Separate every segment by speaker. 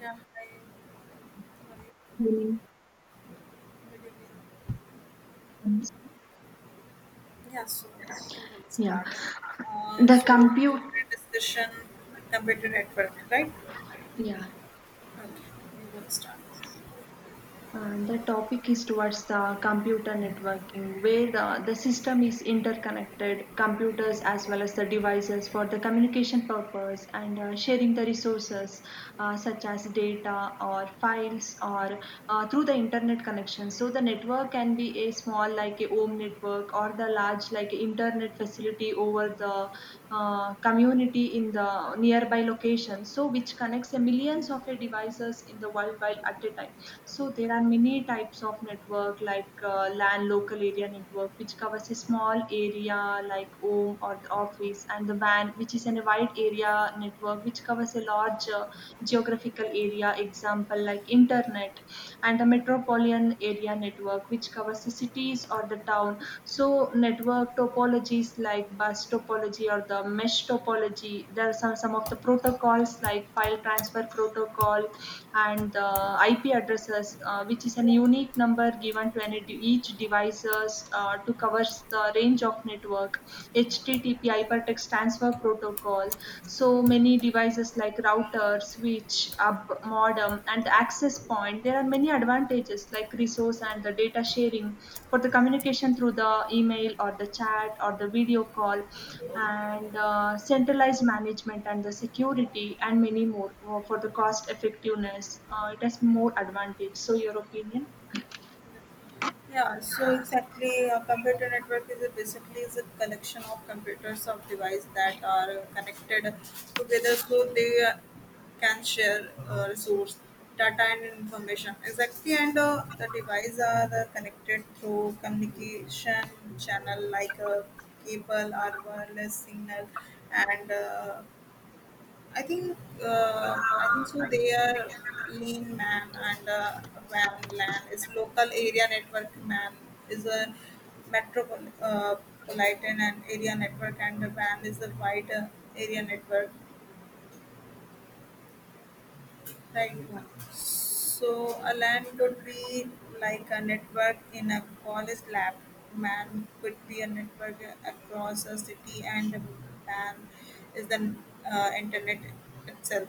Speaker 1: Yeah, hi. Sorry.
Speaker 2: Meaning,
Speaker 1: Good evening. Yeah, so you will
Speaker 2: yeah
Speaker 1: start, okay? Uh,
Speaker 2: the
Speaker 1: so,
Speaker 2: compute
Speaker 1: discussion computer network, right?
Speaker 2: yeah
Speaker 1: Okay, you will start.
Speaker 2: The topic is towards the computer networking where the system is interconnected computers as well as the devices for the communication purpose and sharing the resources such as data or files or through the internet connection. So the network can be a small like a home network or the large like internet facility over the community in the nearby location, so which connects the millions of devices in the worldwide at a time. So there are many types of network like LAN, local area network, which covers a small area like home or the office, and the WAN which is in a wide area network, which covers a large geographical area, example like internet, and the metropolitan area network, which covers the cities or the town. So network topologies like bus topology or the mesh topology. There are some of the protocols like file transfer protocol and the IP addresses, which is a unique number given to any each devices to cover the range of network. HTTP, hypertext transfer Java protocol. So many devices like router, switch, hub, modem, and access point. There are many advantages like resource and the data sharing for the communication through the email or the chat or the video call, and centralized management and the security and many more for the cost effectiveness. It has more advantage. So your opinion?
Speaker 1: Yeah, so exactly, a computer network is a basically is a collection of computers of devices that are connected together so they can share resource, data, and information. Exactly, and the devices are connected through communication channel like a cable or wireless signal and I think I think so. They are Lean Man and Van. Lan is local area network. Man is a metropolitan politan and area network, and the Van is a wide area network, right? So a LAN could be like a network in a college lab. Man could be a network across a city, and a LAN is the internet itself.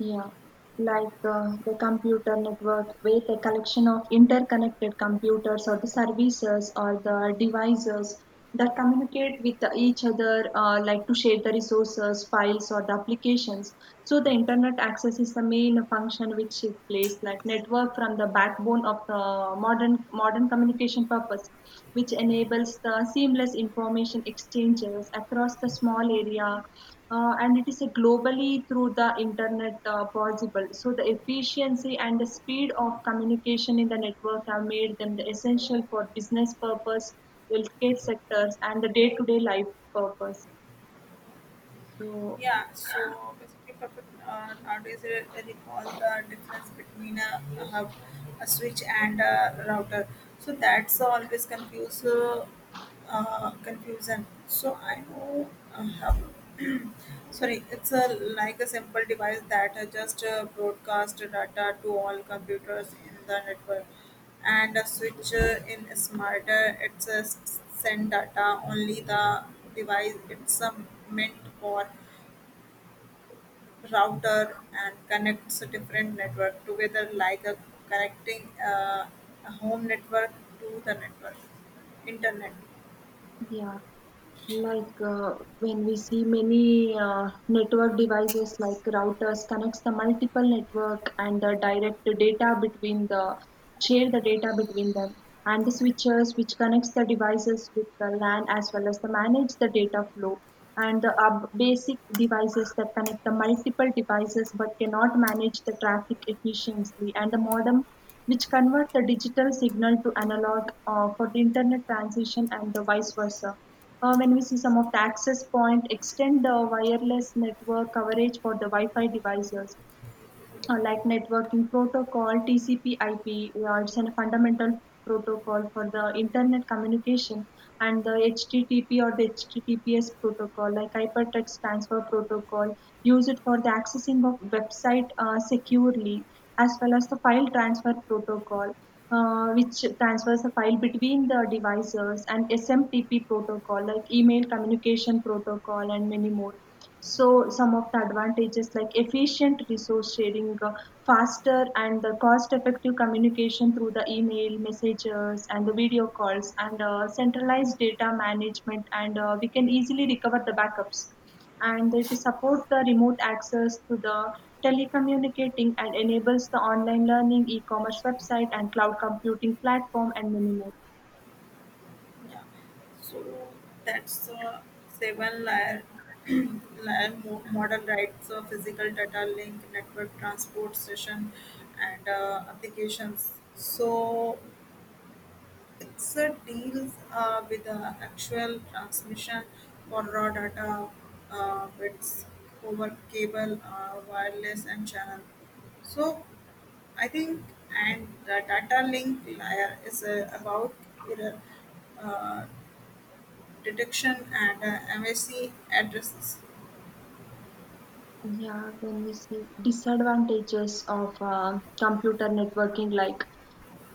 Speaker 2: Yeah, like the computer network with a collection of interconnected computers or the services or the devices that communicate with each other, like to share the resources, files, or the applications. So the internet access is the main function which it plays, like network from the backbone of the modern communication purpose, which enables the seamless information exchanges across the small area. And it is a globally through the internet possible. So the efficiency and the speed of communication in the network have made them the essential for business purpose, healthcare sectors, and the day-to-day life purpose. So
Speaker 1: Yeah, so basically, Papa, nowadays I recall the difference between a hub, a switch, and a router. So that's always confuse confusion. So I know a hub. Sorry, it's a like a simple device that just broadcast data to all computers in the network, and a switch in smarter. It's a send data only the device. It's meant for router and connects different network together like a connecting a home network to the network internet
Speaker 2: yeah, like when we see many network devices like routers connects the multiple network and the direct data between the share the data between them, and the switches which connects the devices with the LAN as well as the manage the data flow, and the basic devices that connect the multiple devices but cannot manage the traffic efficiently, and the modem which convert the digital signal to analog for the internet transition and the vice versa. When we see some of the access point, extend the wireless network coverage for the Wi-Fi devices, like networking protocol, TCP/IP, it's a fundamental protocol for the internet communication, and the HTTP or the HTTPS protocol, like hypertext transfer protocol, use it for the accessing of website securely, as well as the file transfer protocol. Which transfers the file between the devices, and SMTP protocol like email communication protocol and many more. So some of the advantages like efficient resource sharing, faster and the cost-effective communication through the email, messages, and the video calls, and centralized data management, and we can easily recover the backups. And it supports the remote access to the telecommunicating and enables the online learning, e-commerce website, and cloud computing platform, and many more.
Speaker 1: yeah so that's a seven layer layer model, right? So physical, data link, network, transport, session, and applications. So it's a deals with the actual transmission for raw data bits over cable, wireless, and channel. So I think and the data link layer is about error uh, detection and MAC addresses.
Speaker 2: Yeah, when we see disadvantages of computer networking, like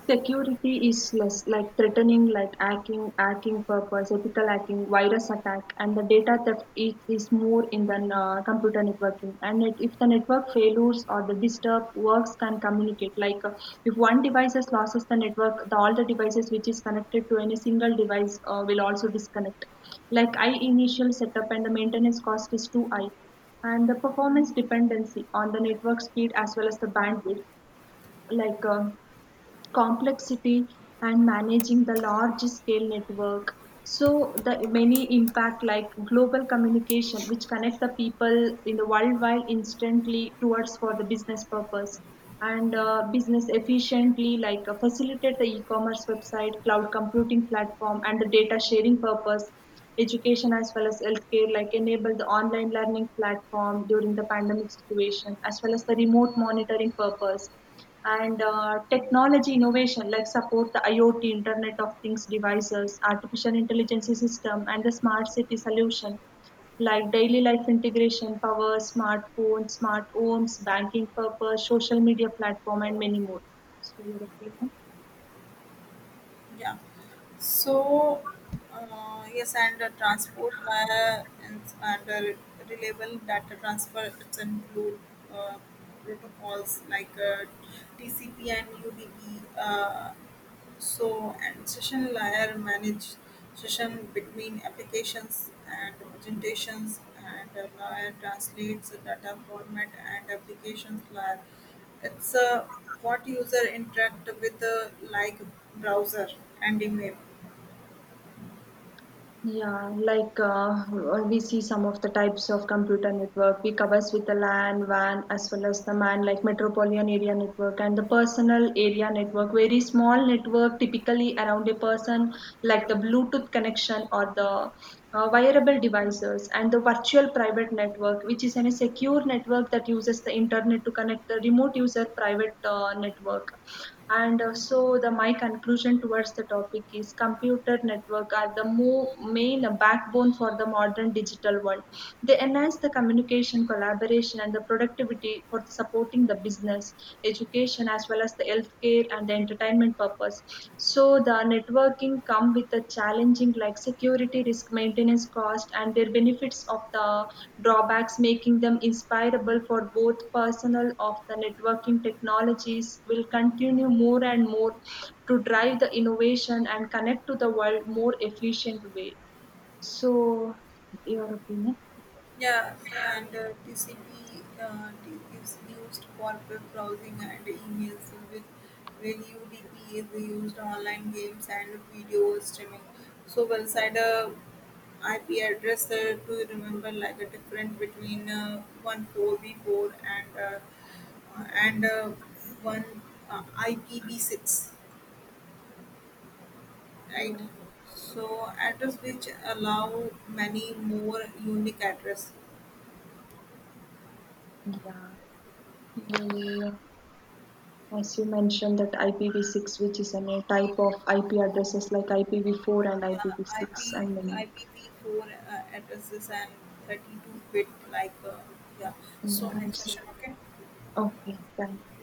Speaker 2: security is less, like threatening like hacking, hacking purpose, ethical hacking, virus attack, and the data theft, it is more in the computer networking. And it, if the network failures or the disturbed works can communicate. Like if one device has loses the network, the, all the devices which is connected to any single device will also disconnect. Like high initial setup and the maintenance cost is too high, and the performance dependency on the network speed as well as the bandwidth. Like complexity and managing the large scale network. So the many impact like global communication which connect the people in the worldwide instantly towards for the business purpose, and business efficiently, like facilitate the e-commerce website, cloud computing platform, and the data sharing purpose, education as well as healthcare, like enable the online learning platform during the pandemic situation as well as the remote monitoring purpose, and technology innovation like support the IoT, internet of things devices, artificial intelligence system, and the smart city solution, like daily life integration, power smartphones, smart homes, banking purpose, social media platform, and many more. So your opinion?
Speaker 1: Yeah. So, yes, and transport and reliable data transfer it's include uh, protocols like TCP and UDP. So, and session layer manage session between applications and presentations, and layer translates the data format and applications layer. It's what user interact with like browser and email.
Speaker 2: Yeah, like we see some of the types of computer network. We covers with the LAN, WAN, as well as the MAN, like metropolitan area network, and the personal area network. Very small network, typically around a person, like the Bluetooth connection or the wearable devices, and the virtual private network, which is a secure network that uses the internet to connect the remote user private network. And so, the my conclusion towards the topic is computer network are the main backbone for the modern digital world. They enhance the communication, collaboration, and the productivity for the supporting the business, education as well as the healthcare and the entertainment purpose. So the networking come with the challenging like security risk, maintenance cost, and their benefits of the drawbacks, making them inspirable for both personal of the networking technologies will continue more and more to drive the innovation and connect to the world more efficient way. So, your opinion?
Speaker 1: Yeah, and TCP is used for web browsing and emails, with while UDP is used online games and video streaming. So, well side IP address to remember like a different between 1 4 B four and uh, and uh, one IPv six, right?
Speaker 2: Yeah.
Speaker 1: So address which allow many more unique address.
Speaker 2: Yeah. Yeah. As you mentioned that IPv6, which is a new type of IP addresses like IPv4 and
Speaker 1: Yeah,
Speaker 2: IPv6
Speaker 1: IP,
Speaker 2: and many.
Speaker 1: IPv4 addresses and 32-bit like yeah. So
Speaker 2: Yeah,
Speaker 1: next
Speaker 2: it's-
Speaker 1: question, okay?
Speaker 2: okay, thank you.